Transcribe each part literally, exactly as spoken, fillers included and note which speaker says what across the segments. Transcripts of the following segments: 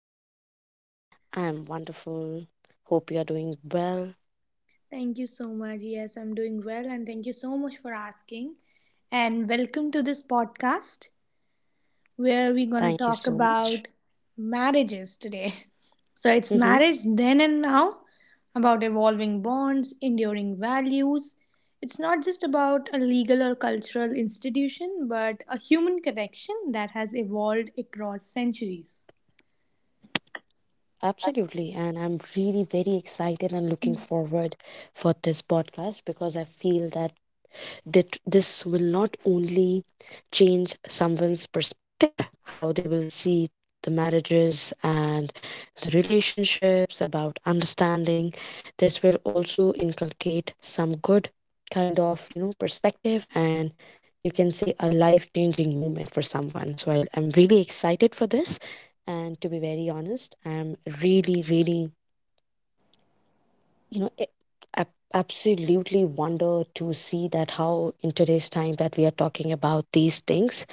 Speaker 1: How are you?
Speaker 2: I'm wonderful. Hope you're doing well.
Speaker 1: Thank you so much. Yes, I'm doing well, and thank you so much for asking. And welcome to this podcast where we're going to
Speaker 2: Thank you
Speaker 1: talk
Speaker 2: so much.
Speaker 1: about marriages today. So, it's
Speaker 2: Mm-hmm,
Speaker 1: marriage then and now, about evolving bonds, enduring values. It's not just about a legal or cultural institution, but a human connection that has evolved across centuries.
Speaker 2: absolutely. And I'm really very excited and looking forward for this podcast because I feel that that this will not only change someone's perspective, how they will see the marriages and the relationships, about understanding. This will also inculcate some good kind of, you know, perspective and you can say a life changing moment for someone. So I, I'm really excited for this. And to be very honest, I'm really, really you know it, ab- absolutely wonder to see that how in today's time that we are talking about these things,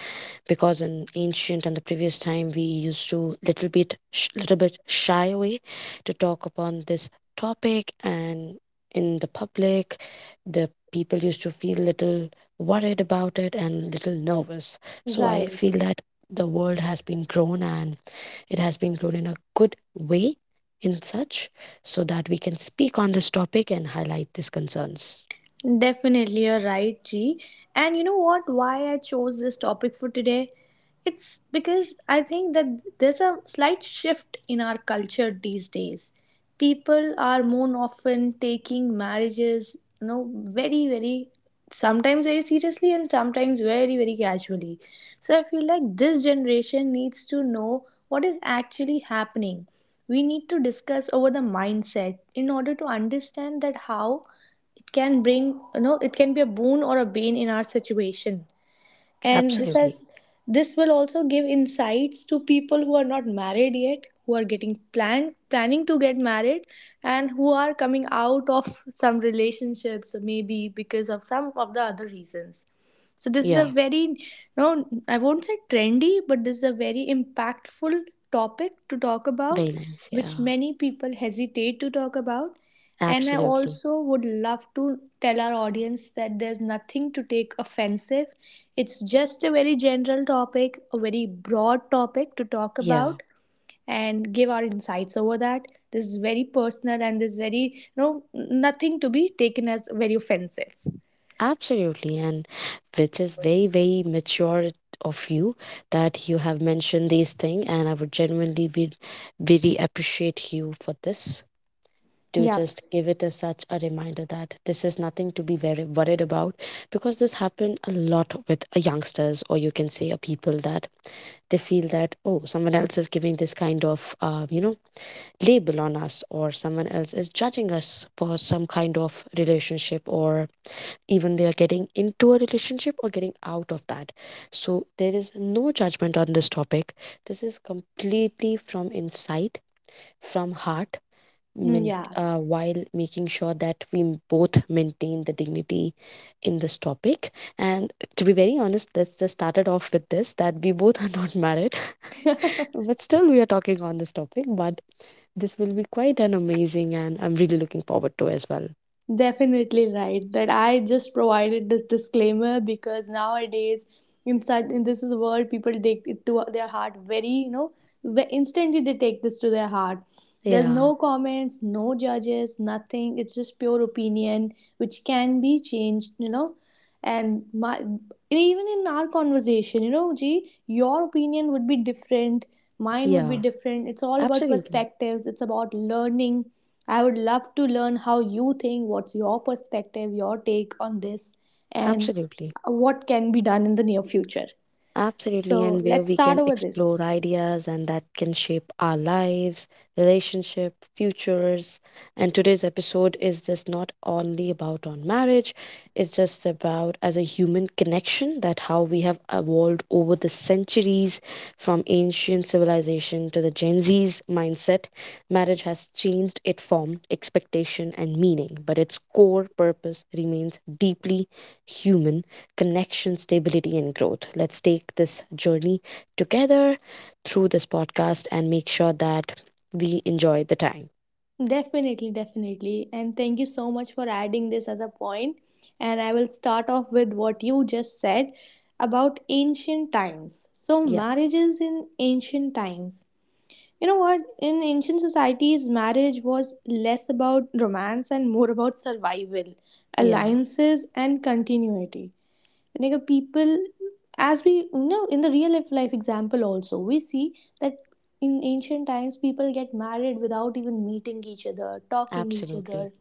Speaker 2: because in ancient and the previous time we used to little bit sh- little bit shy away to talk upon this topic, and in the public the people used to feel little worried about it and little nervous. So I
Speaker 1: Right.
Speaker 2: feel that the world has been grown, and it has been grown in a good way in such, so that we can speak on this topic and highlight these concerns.
Speaker 1: Definitely, you're right, G. And you know what? Why I chose this topic for today? It's because I think that there's a slight shift in our culture these days. People are more often taking marriages, you know, very, very, sometimes very seriously and sometimes very, very casually. So I feel like this generation needs to know what is actually happening. We need to discuss over the mindset in order to understand that how it can bring you know it can be a boon or a bane in our situation, and this
Speaker 2: Absolutely.
Speaker 1: has, this will also give insights to people who are not married yet, who are getting plan planning to get married, and who are coming out of some relationships, maybe because of some of the other reasons. So this is
Speaker 2: Yeah.
Speaker 1: a very, no, I won't say trendy, but this is a very impactful topic to talk
Speaker 2: Very
Speaker 1: about,
Speaker 2: nice.
Speaker 1: which
Speaker 2: Yeah.
Speaker 1: many people hesitate to talk about. And I
Speaker 2: Absolutely.
Speaker 1: also would love to tell our audience that there's nothing to take offensive. It's just a very general topic, a very broad topic to talk
Speaker 2: Yeah.
Speaker 1: about and give our insights over that. This is very personal and this is very, you know, nothing to be taken as very offensive.
Speaker 2: Absolutely. And which is very, very mature of you that you have mentioned these things, and I would genuinely be very appreciate you for this, to
Speaker 1: Yep.
Speaker 2: just give it as such a reminder that this is nothing to be very worried about, because this happened a lot with uh, youngsters, or you can say a people, that they feel that, oh, someone else is giving this kind of uh, you know, label on us, or someone else is judging us for some kind of relationship, or even they are getting into a relationship or getting out of that. So there is no judgment on this topic. This is completely from inside, from heart, main-
Speaker 1: Yeah.
Speaker 2: uh, while making sure that we m- both maintain the dignity in this topic. And to be very honest, let's just started off with this, that we both are not married, but still we are talking on this topic. But this will be quite an amazing, and I'm really looking forward to as well.
Speaker 1: Definitely right. That I just provided this disclaimer because nowadays, in such in this is a world, people take it to their heart very, you know, ve- instantly they take this to their heart. There's
Speaker 2: Yeah,
Speaker 1: no comments, no judges, nothing. It's just pure opinion, which can be changed, you know. And my, even in our conversation, you know, G, your opinion would be different, mine would be
Speaker 2: yeah,
Speaker 1: different. It's all about
Speaker 2: absolutely,
Speaker 1: perspectives. It's about learning. I would love to learn how you think, what's your perspective, your take on this, and
Speaker 2: absolutely.
Speaker 1: what can be done in the near future.
Speaker 2: Absolutely,
Speaker 1: So
Speaker 2: and where
Speaker 1: let's
Speaker 2: we
Speaker 1: start
Speaker 2: can
Speaker 1: over
Speaker 2: explore
Speaker 1: this.
Speaker 2: ideas and that can shape our lives, relationship, futures. And today's episode is just not only about on marriage, it's just about as a human connection that how we have evolved over the centuries, from ancient civilization to the Gen Z's mindset. Marriage has changed its form, expectation and meaning, but its core purpose remains deeply human connection, stability, and growth. Let's take this journey together through this podcast and make sure that we enjoy the time.
Speaker 1: Definitely, definitely. And thank you so much for adding this as a point. And I will start off with what you just said about ancient times. So,
Speaker 2: Yeah,
Speaker 1: marriages in ancient times. You know what? In ancient societies, marriage was less about romance and more about survival,
Speaker 2: yeah,
Speaker 1: alliances, and continuity. Like a people, as we, you know, in the real life life example, also, we see that in ancient times, people get married without even meeting each other, talking each
Speaker 2: absolutely,
Speaker 1: other.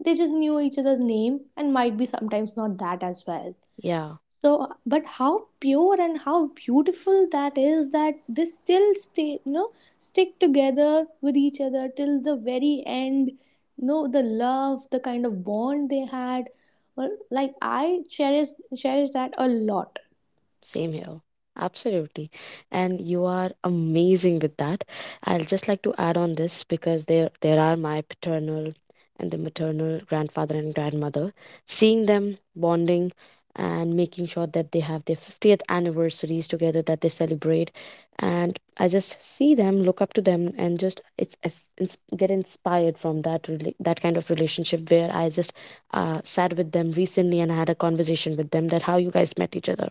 Speaker 1: They just knew each other's name, and might be sometimes not that as well.
Speaker 2: yeah.
Speaker 1: So, but how pure and how beautiful that is, that they still stay, you know, stick together with each other till the very end. You know, the love, the kind of bond they had, well, like I cherish, cherish that a lot.
Speaker 2: Same here. Absolutely. And you are amazing with that. I'll just like to add on this because there there are my paternal and the maternal grandfather and grandmother. Seeing them bonding and making sure that they have their fiftieth anniversaries together that they celebrate, and I just see them, look up to them, and just it's, it's, it's get inspired from that rela- that kind of relationship, where I just uh, sat with them recently and had a conversation with them that how you guys met each other.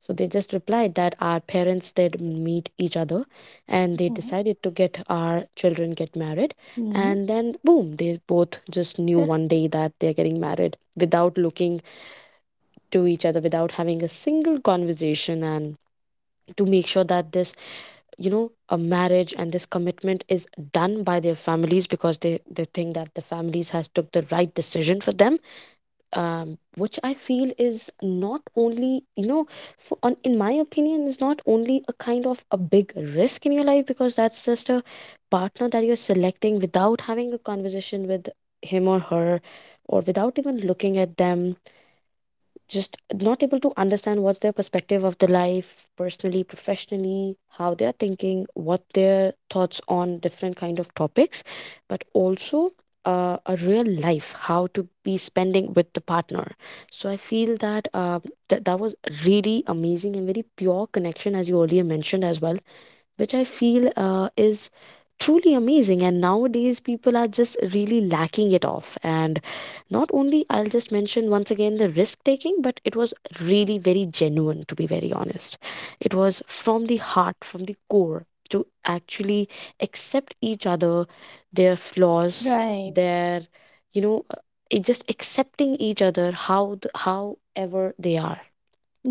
Speaker 2: So they just replied that our parents did meet each other and they
Speaker 1: Mhm.
Speaker 2: decided to get our children get married.
Speaker 1: Mhm.
Speaker 2: And then boom, they both just knew one day that they're getting married without looking to each other, without having a single conversation, and to make sure that this, you know, a marriage and this commitment is done by their families because they, they think that the families has took the right decision for them, um, which I feel is not only, you know, for, on, in my opinion, is not only a kind of a big risk in your life, because that's just a partner that you're selecting without having a conversation with him or her, or without even looking at them, just not able to understand what's their perspective of the life, personally, professionally, how they're thinking, what their thoughts on different kind of topics, but also uh, a real life how to be spending with the partner. So I feel that uh, th- that was really amazing and very pure connection, as you earlier mentioned as well, which I feel uh, is truly amazing. And nowadays, people are just really lacking it off. And not only, I'll just mention once again the risk taking, but it was really very genuine, to be very honest. It was from the heart, from the core, to actually accept each other, their flaws,
Speaker 1: Right.
Speaker 2: their, you know, uh, it just accepting each other how the, however they are.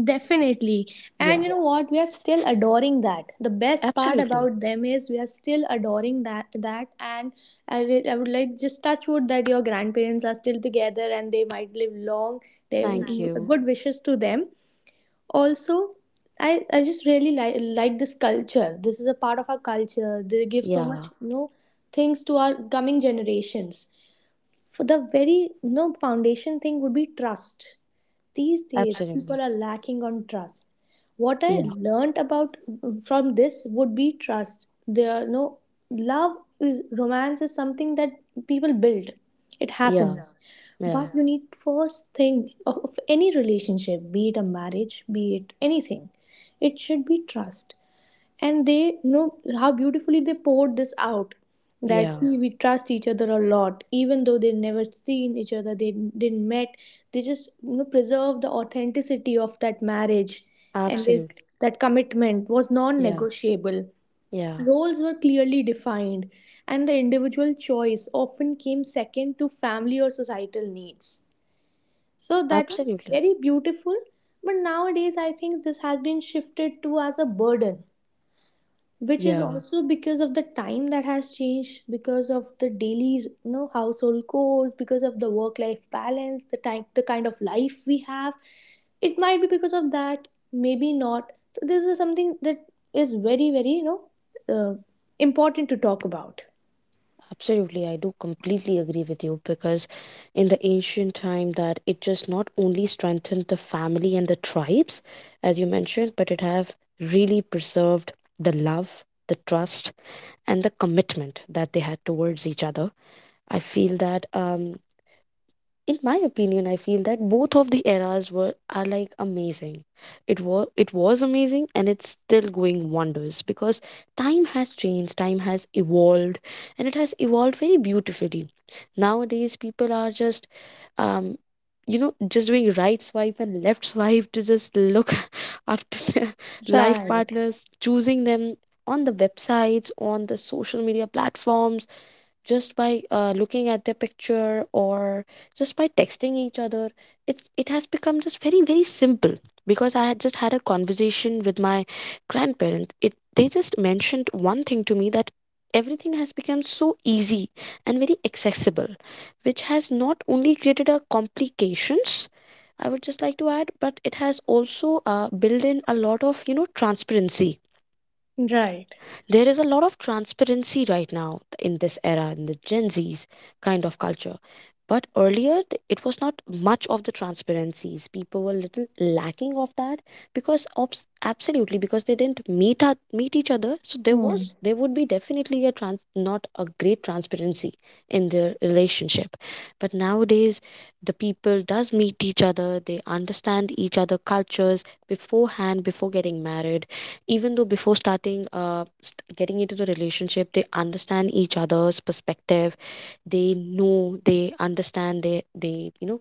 Speaker 1: Definitely.
Speaker 2: Yeah,
Speaker 1: And you know what? We are still adoring that. The best part
Speaker 2: absolutely.
Speaker 1: about them is we are still adoring that, that, and I, re- I would like, just touch wood, that your grandparents are still together and they might live long. They,
Speaker 2: Thank you.
Speaker 1: good wishes to them. Also, I, I just really like like this culture. This is a part of our culture. They give so much,
Speaker 2: Yeah,
Speaker 1: you know, things to our coming generations. For the very, you know, foundation thing would be trust. These days,
Speaker 2: absolutely.
Speaker 1: people are lacking on trust. What I
Speaker 2: Yeah.
Speaker 1: learned about from this would be trust. There, no, love is, romance is something that people build. It
Speaker 2: Yeah,
Speaker 1: happens,
Speaker 2: yeah,
Speaker 1: but you need first thing of of any relationship, be it a marriage, be it anything. It should be trust. And they, you know, how beautifully they poured this out, that
Speaker 2: yeah,
Speaker 1: see, Yeah, we trust each other a lot even though they never seen each other, they didn't met, they just, you know, preserve the authenticity of that marriage. And they,
Speaker 2: absolutely.
Speaker 1: that commitment was
Speaker 2: Yeah,
Speaker 1: non-negotiable,
Speaker 2: yeah,
Speaker 1: roles were clearly defined, and the individual choice often came second to family or societal needs. So that was
Speaker 2: absolutely.
Speaker 1: very beautiful. But nowadays I think this has been shifted to as a burden, which is
Speaker 2: Yeah,
Speaker 1: also because of the time that has changed, because of the daily, you know, household chores, because of the work life balance, the time, the kind of life we have. It might be because of that, maybe not. So this is something that is very, very, you know, uh, important to talk about.
Speaker 2: absolutely. I do completely agree with you, because in the ancient time that it just not only strengthened the family and the tribes, as you mentioned, but it have really preserved the love, the trust, and the commitment that they had towards each other. I feel that, um, in my opinion I feel that both of the eras were are like amazing. It was it was amazing and it's still going wonders, because time has changed, time has evolved, and it has evolved very beautifully. Nowadays people are just, um, you know, just doing right swipe and left swipe to just look after their life
Speaker 1: Right.
Speaker 2: partners, choosing them on the websites, on the social media platforms, just by uh, looking at their picture, or just by texting each other. It's it has become just very, very simple, because I had just had a conversation with my grandparents, it they just mentioned one thing to me, that everything has become so easy and very accessible, which has not only created a complications, I would just like to add, but it has also uh, built in a lot of, you know, transparency.
Speaker 1: Right.
Speaker 2: There is a lot of transparency right now in this era, in the Gen Z's kind of culture. But earlier, th- it was not much of the transparencies. People were little lacking of that, because obs- absolutely because they didn't meet at, meet each other. So there
Speaker 1: Hmm.
Speaker 2: was, there would be definitely a trans not a great transparency in their relationship. But nowadays, the people does meet each other. They understand each other cultures beforehand before getting married, even though before starting uh st- getting into the relationship they understand each other's perspective. They know they understand, they they you know,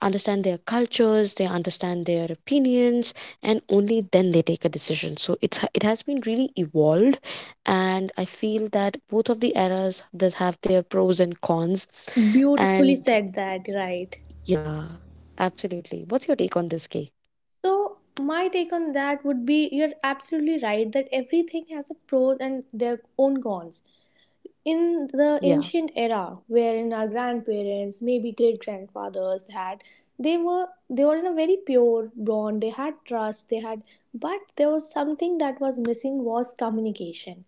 Speaker 2: understand their cultures, they understand their opinions, and only then they take a decision. So it's it has been really evolved, and I feel that both of the eras does have their pros and cons.
Speaker 1: Beautifully
Speaker 2: And
Speaker 1: said, that right.
Speaker 2: yeah, absolutely, what's your take on this, Kay?
Speaker 1: So my take on that would be, you're absolutely right that everything has a pros and their own cons. In the
Speaker 2: Yeah,
Speaker 1: ancient era, wherein our grandparents, maybe great grandfathers had, they were they were in a very pure bond. They had trust. They had, but there was something that was missing, was communication.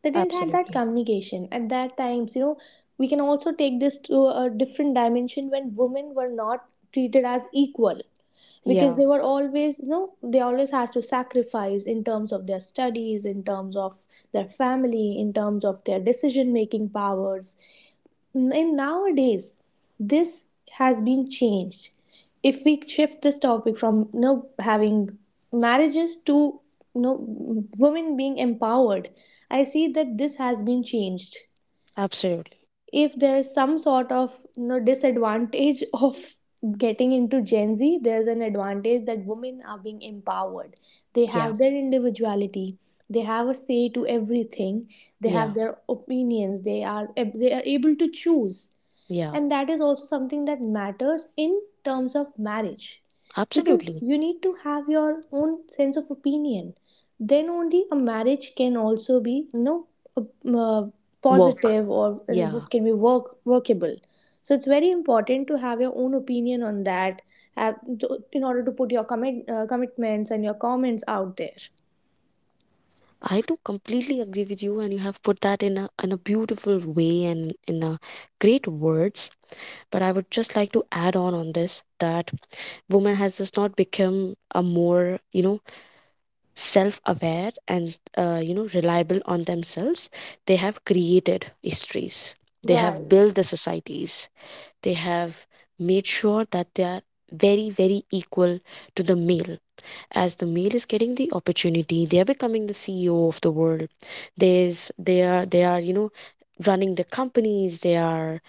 Speaker 1: They didn't have that
Speaker 2: absolutely,
Speaker 1: communication at that times, you know. We can also take this to a different dimension when women were not treated as equal, because
Speaker 2: yeah,
Speaker 1: they were always, you know, they always has to sacrifice in terms of their studies, in terms of their family, in terms of their decision making powers. And nowadays, this has been changed. If we shift this topic from, you know, having marriages to, you know, women being empowered, I see that this has been changed.
Speaker 2: absolutely,
Speaker 1: If there's some sort of, you know, disadvantage of getting into gen z, there's an advantage that women are being empowered. They
Speaker 2: yeah,
Speaker 1: have their individuality, they have a say to everything, they
Speaker 2: yeah,
Speaker 1: have their opinions, they are ab- they are able to choose.
Speaker 2: yeah,
Speaker 1: And that is also something that matters in terms of marriage, because
Speaker 2: absolutely.
Speaker 1: you need to have your own sense of opinion. Then only a marriage can also be, you know, uh, uh,
Speaker 2: Work.
Speaker 1: positive or and
Speaker 2: Yeah,
Speaker 1: what can be work workable. So it's very important to have your own opinion on that, have, to- in order to put your commit, uh, commitments and your comments out there.
Speaker 2: I do completely agree with you, and you have put that in a in a beautiful way and in a great words. But I would just like to add on on this, that woman has just not become a more, you know, self-aware and, uh, you know, reliable on themselves. They have created histories. They have
Speaker 1: Right.
Speaker 2: built the societies. They have made sure that they are very, very equal to the male. As the male is getting the opportunity, they're becoming the CEO of the world. There's, they are, they are, you know, running the companies, they are,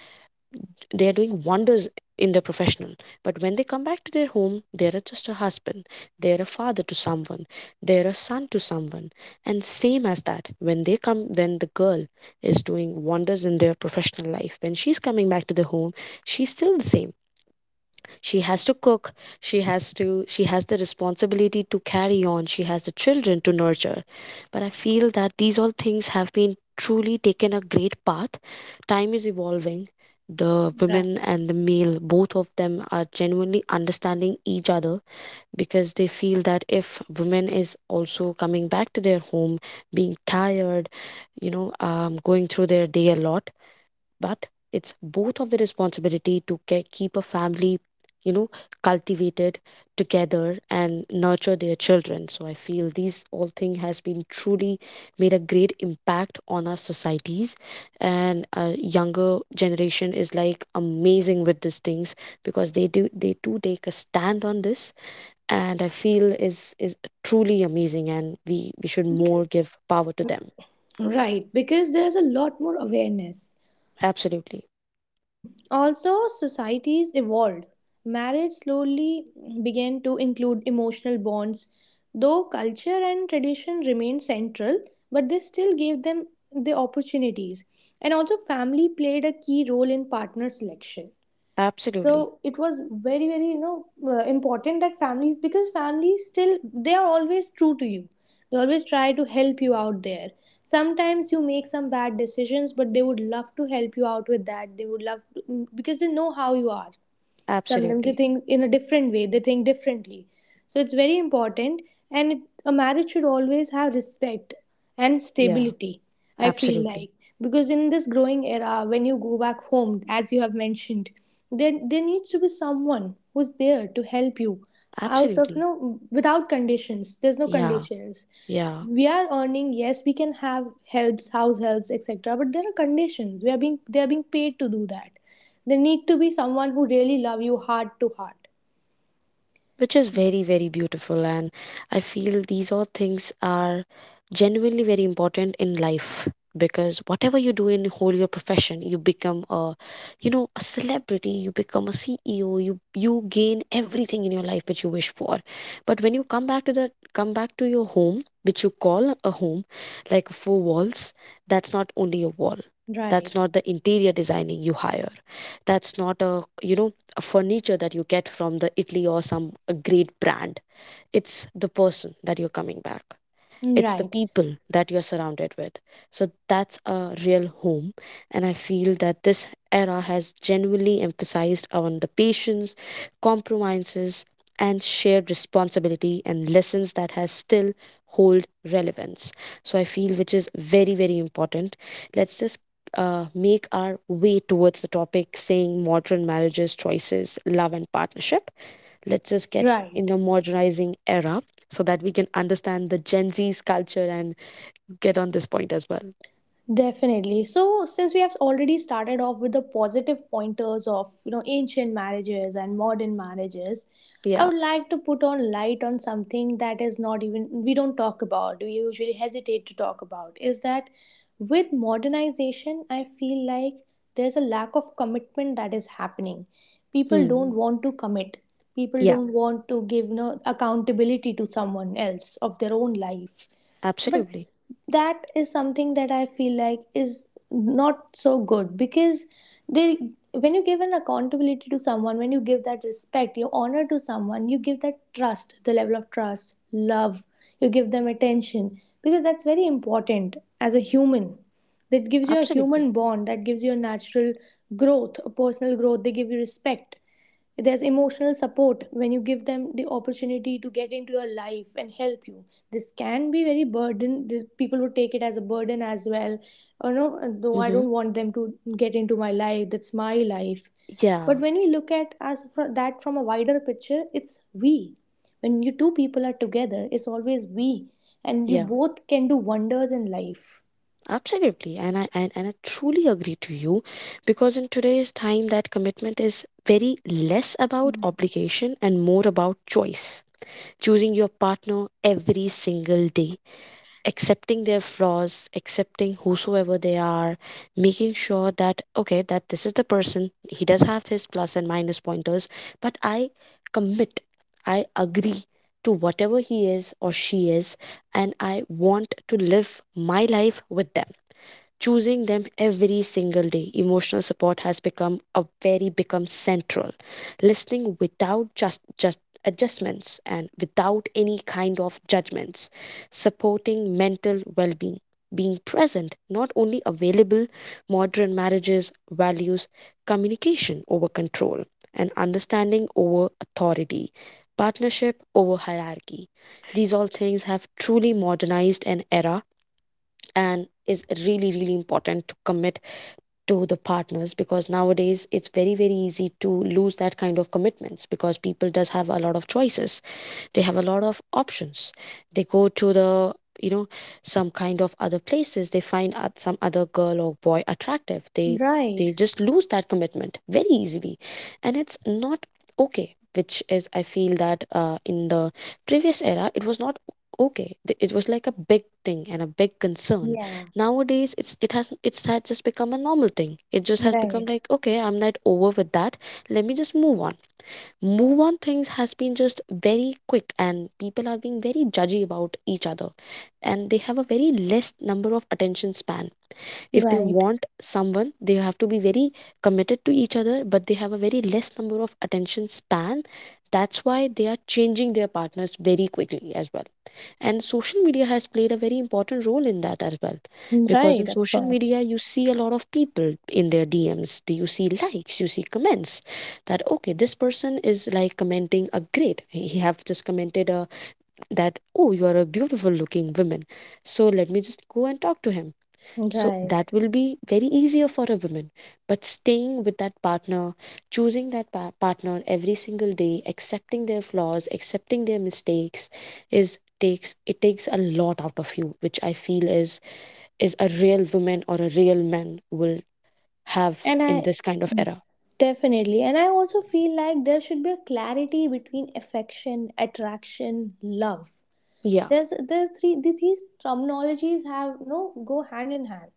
Speaker 2: they are doing wonders in their professional. But when they come back to their home, they're just a husband, they're a father to someone, they're a son to someone. And same as that, when they come, when the girl is doing wonders in their professional life, when she's coming back to the home, she's still the same. She has to cook, she has to, she has the responsibility to carry on, she has the children to nurture. But I feel that these all things have been truly taken a great path. Time is evolving. The
Speaker 1: Right
Speaker 2: women and the male, both of them are genuinely understanding each other, because they feel that if women is also coming back to their home being tired, you know, um, going through their day a lot, but it's both of the responsibility to ke- keep a family, you know, cultivated together and nurture their children. So I feel these all thing has been truly made a great impact on our societies, and uh, younger generation is like amazing with these things, because they do they do take a stand on this. And I feel is is truly amazing, and we we should
Speaker 1: because,
Speaker 2: more give power to them.
Speaker 1: right because there's a lot more awareness.
Speaker 2: Absolutely,
Speaker 1: Also, societies evolved. Marriage slowly began to include emotional bonds, though culture and tradition remained central, but they still gave them the opportunities. And also, family played a key role in partner selection.
Speaker 2: absolutely,
Speaker 1: So it was very, very, you know, uh, important that families, because families still, they are always true to you, they always try to help you out there. Sometimes you make some bad decisions, but they would love to help you out with that, they would love, because they know how you are. Sometimes they
Speaker 2: absolutely,
Speaker 1: think in a different way, they think differently. So it's very important. And it, a marriage should always have respect and
Speaker 2: yeah.
Speaker 1: stability, I feel
Speaker 2: Absolutely.
Speaker 1: like, because in this growing era, when you go back home, as you have mentioned, there there needs to be someone who's there to help you out, of, you
Speaker 2: Absolutely.
Speaker 1: know, without conditions, there's no
Speaker 2: Yeah.
Speaker 1: conditions.
Speaker 2: Yeah.
Speaker 1: We are earning, yes, we can have helps, house helps, etc., but there are conditions, we are being, they are being paid to do that. They need to be someone who really love you heart to heart.
Speaker 2: Which is very very beautiful. And I feel these all things are genuinely very important in life, because whatever you do in whole your profession, you become a you know a celebrity, you become a CEO, you you gain everything in your life which you wish for. But when you come back to that, come back to your home, which you call a home, like four walls, that's not only a wall,
Speaker 1: Right.
Speaker 2: that's not the interior designing you hire, that's not a you know furniture that you get from the Italy or some a great brand. It's the person that you're coming back, it's the
Speaker 1: Right.
Speaker 2: people that you're surrounded with. So that's a real home. And I feel that this era has genuinely emphasized on the patience, compromises, and shared responsibility and lessons that has still hold relevance. So I feel which is very, very important. Let's just uh, make our way towards the topic saying modern marriages, choices, love, and partnership. Let's just get in
Speaker 1: Right.
Speaker 2: the modernizing era, so that we can understand the Gen Z's culture and get on this point as well.
Speaker 1: Definitely. So, since we have already started off with the positive pointers of, you know, ancient marriages and modern marriages, I
Speaker 2: Yeah.
Speaker 1: would like to put on light on something that is not even, we don't talk about. We usually hesitate to talk about. Is that, with modernization, I feel like there's a lack of commitment that is happening. People don't
Speaker 2: Hmm.
Speaker 1: want to commit. People
Speaker 2: Yeah.
Speaker 1: don't want to give no accountability to someone else of their own life. But
Speaker 2: Absolutely.
Speaker 1: that is something that I feel like is not so good, because they, when you give an accountability to someone, when you give that respect, you honor to someone, you give that trust, the level of trust, love, you give them attention, because that's very important as a human. That gives you a
Speaker 2: Absolutely.
Speaker 1: human bond, that gives you a natural growth, a personal growth, they give you respect. There's emotional support when you give them the opportunity to get into your life and help you. This can be very burden. the- People would take it as a burden as well. Or no, though I
Speaker 2: Mm-hmm.
Speaker 1: don't want them to get into my life. That's my life. But
Speaker 2: Yeah.
Speaker 1: when we look at as fr- that from a wider picture, it's we. When you two people are together, it's always we, and you
Speaker 2: Yeah.
Speaker 1: both can do wonders in life.
Speaker 2: Absolutely. And I and, and I truly agree to you, because in today's time that commitment is very less about obligation and more about choice. Choosing your partner every single day, accepting their flaws, accepting whosoever they are, making sure that, okay, that this is the person, he does have his plus and minus pointers, but I commit, I agree to whatever he is or she is, and I want to live my life with them, choosing them every single day. Emotional support has become a very become central. Listening without just just adjustments and without any kind of judgments. Supporting mental well-being. Being present, not only available, modern marriages values communication over control, and understanding over authority, partnership over hierarchy. These all things have truly modernized an era, and is really really important to commit to the partners, because nowadays it's very very easy to lose that kind of commitments, because people does have a lot of choices, they have a lot of options, they go to the you know some kind of other places, they find out some other girl or boy attractive, they they
Speaker 1: Right.
Speaker 2: just lose that commitment very easily, and it's not okay, which is I feel that uh, in the previous era it was not okay. Th- it was like a big thing and a big concern.
Speaker 1: Yeah.
Speaker 2: Nowadays it's it has it's had just become a normal thing, it just has become
Speaker 1: Right.
Speaker 2: like, okay, I'm not over with that, let me just move on. Move on, things has been just very quick, and people are being very judgy about each other, and they have a very less number of attention span. If they
Speaker 1: Right.
Speaker 2: want someone they have to be very committed to each other, but they have a very less number of attention span, that's why they are changing their partners very quickly as well. And social media has played a very important role in that as well, because in
Speaker 1: Right. Of
Speaker 2: social
Speaker 1: course.
Speaker 2: media you see a lot of people in their DMs, do you see likes, you see comments, that okay this person is like commenting a great, he have just commented a, that oh you are a beautiful looking woman, so let me just go and talk to him, so
Speaker 1: Right.
Speaker 2: that will be very easier for a woman. But staying with that partner, choosing that pa- partner every single day, accepting their flaws, accepting their mistakes, is takes it takes a lot out of you, which I feel is is a real woman or a real man will have
Speaker 1: And
Speaker 2: in
Speaker 1: I,
Speaker 2: this kind of era.
Speaker 1: definitely. And I also feel like there should be a clarity between affection, attraction, love.
Speaker 2: Yeah,
Speaker 1: There's there's three, the- these terminologies have no, go hand in hand.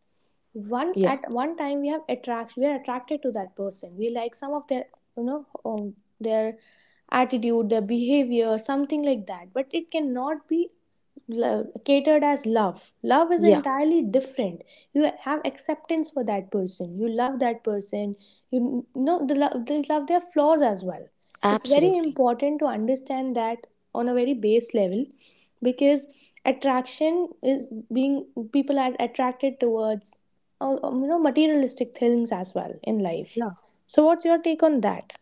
Speaker 1: One
Speaker 2: yeah,
Speaker 1: at one time we have attraction, we are attracted to that person. We like some of their you know um, their attitude, their behavior, something like that. But it cannot be lo- catered as love. Love is
Speaker 2: yeah,
Speaker 1: entirely different. You have acceptance for that person. You love that person. You know the love. They love their flaws as well. It's very
Speaker 2: absolutely.
Speaker 1: important to understand that on a very base level, because attraction is being people are attracted towards uh, you know materialistic things as well in life. So, what's your take on that?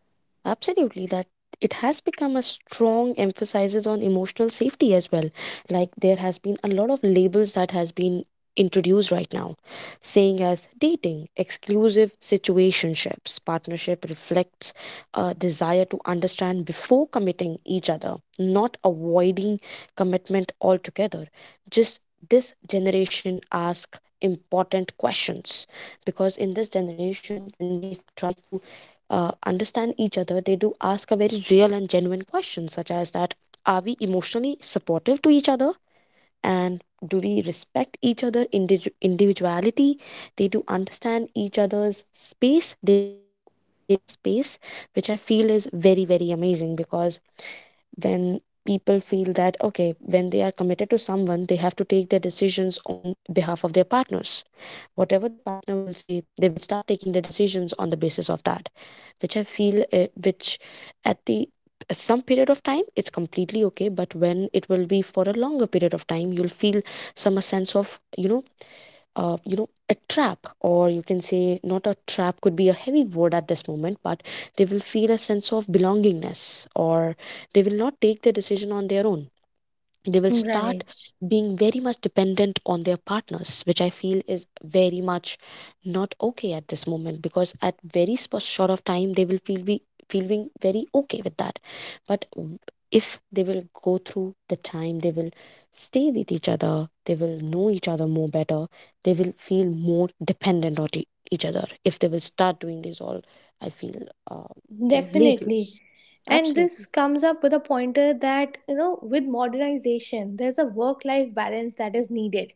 Speaker 2: Absolutely, that it has become a strong emphasis on emotional safety as well. Like there has been a lot of labels that has been introduced right now, saying as dating, exclusive situationships, partnership reflects a desire to understand before committing each other, not avoiding commitment altogether. Just this generation ask important questions, because in this generation when they try to uh, understand each other, they do ask a very real and genuine question, such as that, are we emotionally supportive to each other? And do we respect each other individu- individuality? They do understand each other's space. They do respect each other's space, which I feel is very, very amazing, because when people feel that, okay, when they are committed to someone, they have to take their decisions on behalf of their partners, whatever their partner will say they will start taking the decisions on the basis of that, which I feel uh, which at the some period of time it's completely okay, but when it will be for a longer period of time, you'll feel some sense of, you know, uh, you know, a trap, or you can say not a trap could be a heavy word at this moment, but they will feel a sense of belongingness, or they will not take the decision on their own, they will start
Speaker 1: Right.
Speaker 2: being very much dependent on their partners, which I feel is very much not okay at this moment, because at very sp- short of time they will feel be feeling very okay with that, but w- if they will go through the time, they will stay with each other, they will know each other more better, they will feel more dependent on e- each other, if they will start doing this all, I feel uh, you know
Speaker 1: Definitely.
Speaker 2: labels.
Speaker 1: And this
Speaker 2: Absolutely.
Speaker 1: comes up with a pointer that, you know, with modernization, there's a work life balance that is needed.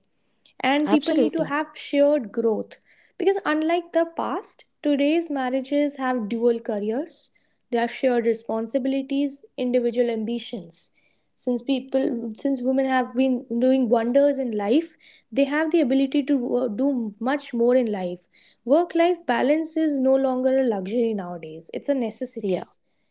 Speaker 1: And people need
Speaker 2: Absolutely.
Speaker 1: to have shared growth. Because unlike the past, today's marriages have dual careers, they have shared responsibilities, individual ambitions. Since people, since women have been doing wonders in life, they have the ability to uh, do much more in life. Work life balance is no longer a luxury nowadays, it's a
Speaker 2: Yeah.
Speaker 1: necessity.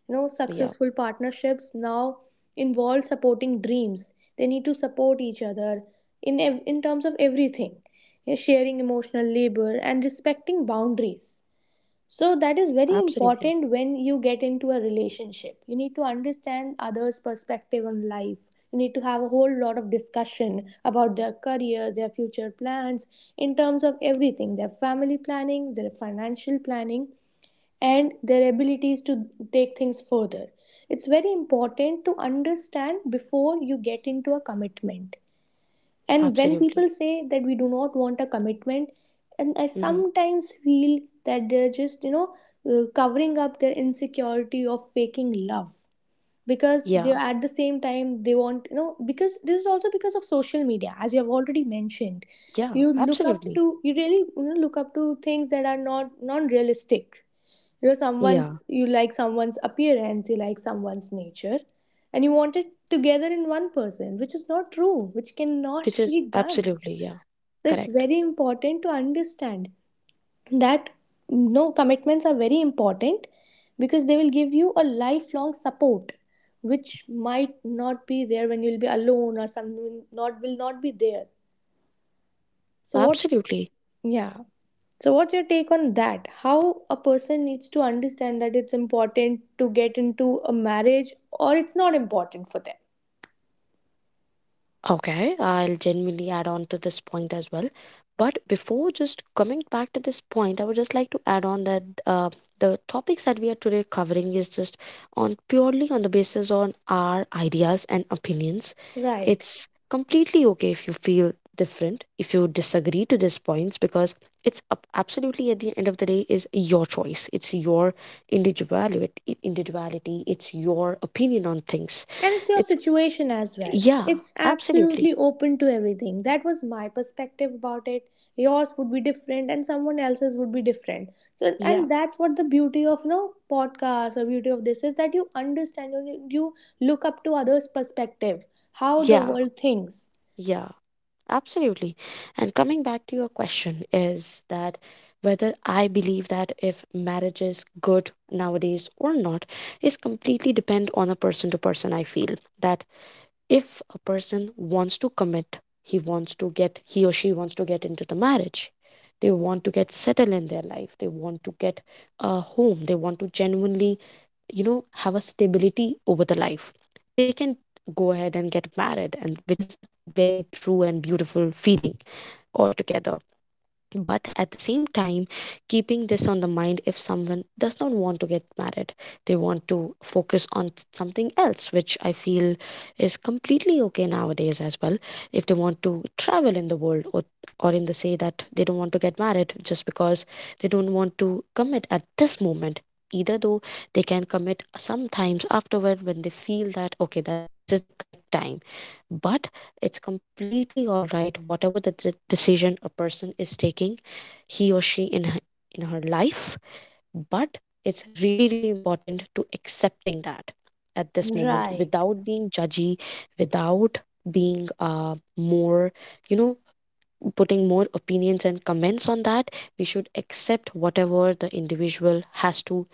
Speaker 1: You know,
Speaker 2: Yeah.
Speaker 1: successful partnerships now involve supporting dreams. They need to support each other in ev- in terms of everything, you know, sharing emotional labor and respecting boundaries. So that is very
Speaker 2: Absolutely.
Speaker 1: important when you get into a relationship. You need to understand others' perspective on life. You need to have a whole lot of discussion about their career, their future plans, in terms of everything their family planning, their financial planning, and their abilities to take things further. It's very important to understand before you get into a commitment, and when
Speaker 2: Absolutely.
Speaker 1: people say that we do not want a commitment, and I
Speaker 2: Hmm.
Speaker 1: sometimes feel that they're just, you know, uh, covering up their insecurity of faking love because they
Speaker 2: Yeah.
Speaker 1: at the same time they want, you know, because this is also because of social media, as you have already mentioned.
Speaker 2: Yeah.
Speaker 1: You look up
Speaker 2: Absolutely.
Speaker 1: to, you really you know, look up to things that are not non realistic, you're someone's,
Speaker 2: Yeah.
Speaker 1: you like someone's appearance, you like someone's nature, and you want it together in one person, which is not true, which cannot
Speaker 2: Which is
Speaker 1: be done.
Speaker 2: absolutely. Yeah.
Speaker 1: So it's
Speaker 2: Correct.
Speaker 1: very important to understand that no commitments are very important because they will give you a lifelong support which might not be there when you'll be alone or someone not will not be there so what,
Speaker 2: Absolutely.
Speaker 1: yeah. So, what's your take on that? How a person needs to understand that it's important to get into a marriage or it's not important for them?
Speaker 2: Okay, I'll genuinely add on to this point as well. But before just coming back to this point, I would just like to add on that uh, the topics that we are today covering is just on purely on the basis on our ideas and opinions.
Speaker 1: Right.
Speaker 2: It's completely okay if you feel different, if you disagree to these points, because it's ab- absolutely at the end of the day is your choice. It's your individuality, individuality. It's your opinion on things.
Speaker 1: And it's your
Speaker 2: It's
Speaker 1: situation as well.
Speaker 2: yeah,
Speaker 1: It's
Speaker 2: absolutely.
Speaker 1: absolutely open to everything. That was my perspective about it. Yours would be different and someone else's would be different. So
Speaker 2: Yeah,
Speaker 1: and that's what the beauty of you know podcasts or beauty of this is that you understand you, you look up to others' perspective, how the
Speaker 2: yeah,
Speaker 1: world thinks.
Speaker 2: yeah, absolutely. And coming back to your question is that whether I believe that if marriage is good nowadays or not is completely depend on a person to person. I feel that if a person wants to commit, he wants to get, he or she wants to get into the marriage. They want to get settled in their life. They want to get a home. They want to genuinely, you know, have a stability over the life, they can go ahead and get married, and which is a very true and beautiful feeling altogether. But at the same time, keeping this on the mind, if someone does not want to get married, they want to focus on something else, which I feel is completely okay nowadays as well. If they want to travel in the world, or or in the say that they don't want to get married just because they don't want to commit at this moment, either though they can commit sometimes afterward when they feel that okay that this is the correct time, but it's completely all right whatever the de- decision a person is taking, he or she in her, in her life. But it's really really important to accepting that at this moment
Speaker 1: Right.
Speaker 2: without being judgy, without being uh, more, you know, putting more opinions and comments on that. We should accept whatever the individual has to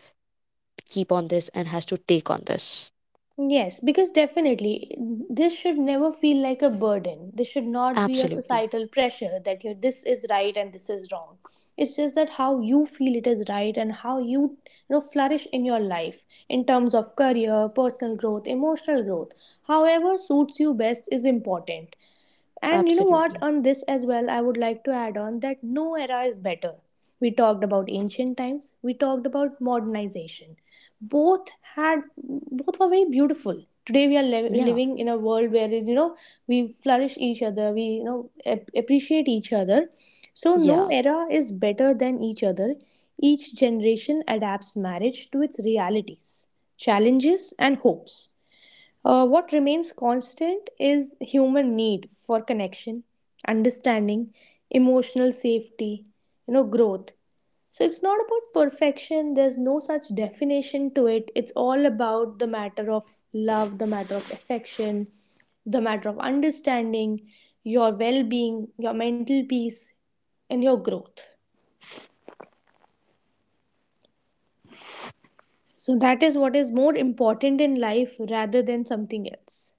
Speaker 2: keep on this and has to take on this.
Speaker 1: Yes, because definitely this should never feel like a burden. This should not be a
Speaker 2: Absolutely.
Speaker 1: societal pressure that you this is right and this is wrong. It's just that how you feel it is right and how you, you know flourish in your life in terms of career, personal growth, emotional growth. However suits you best is important. And you know what,
Speaker 2: Absolutely.
Speaker 1: on this as well, I would like to add on that no era is better. We talked about ancient times, we talked about modernization, both had both were very beautiful. Today we are li-
Speaker 2: Yeah.
Speaker 1: living in a world where you know we flourish each other, we you know ap- appreciate each other, so no
Speaker 2: Yeah.
Speaker 1: era is better than each other. Each generation adapts marriage to its realities, challenges and hopes. Uh, what remains constant is human need for connection, understanding, emotional safety, you know, growth. So it's not about perfection, there's no such definition to it. It's all about the matter of love, the matter of affection, the matter of understanding, your well being, your mental peace, and your growth. So that is what is more important in life rather than something else.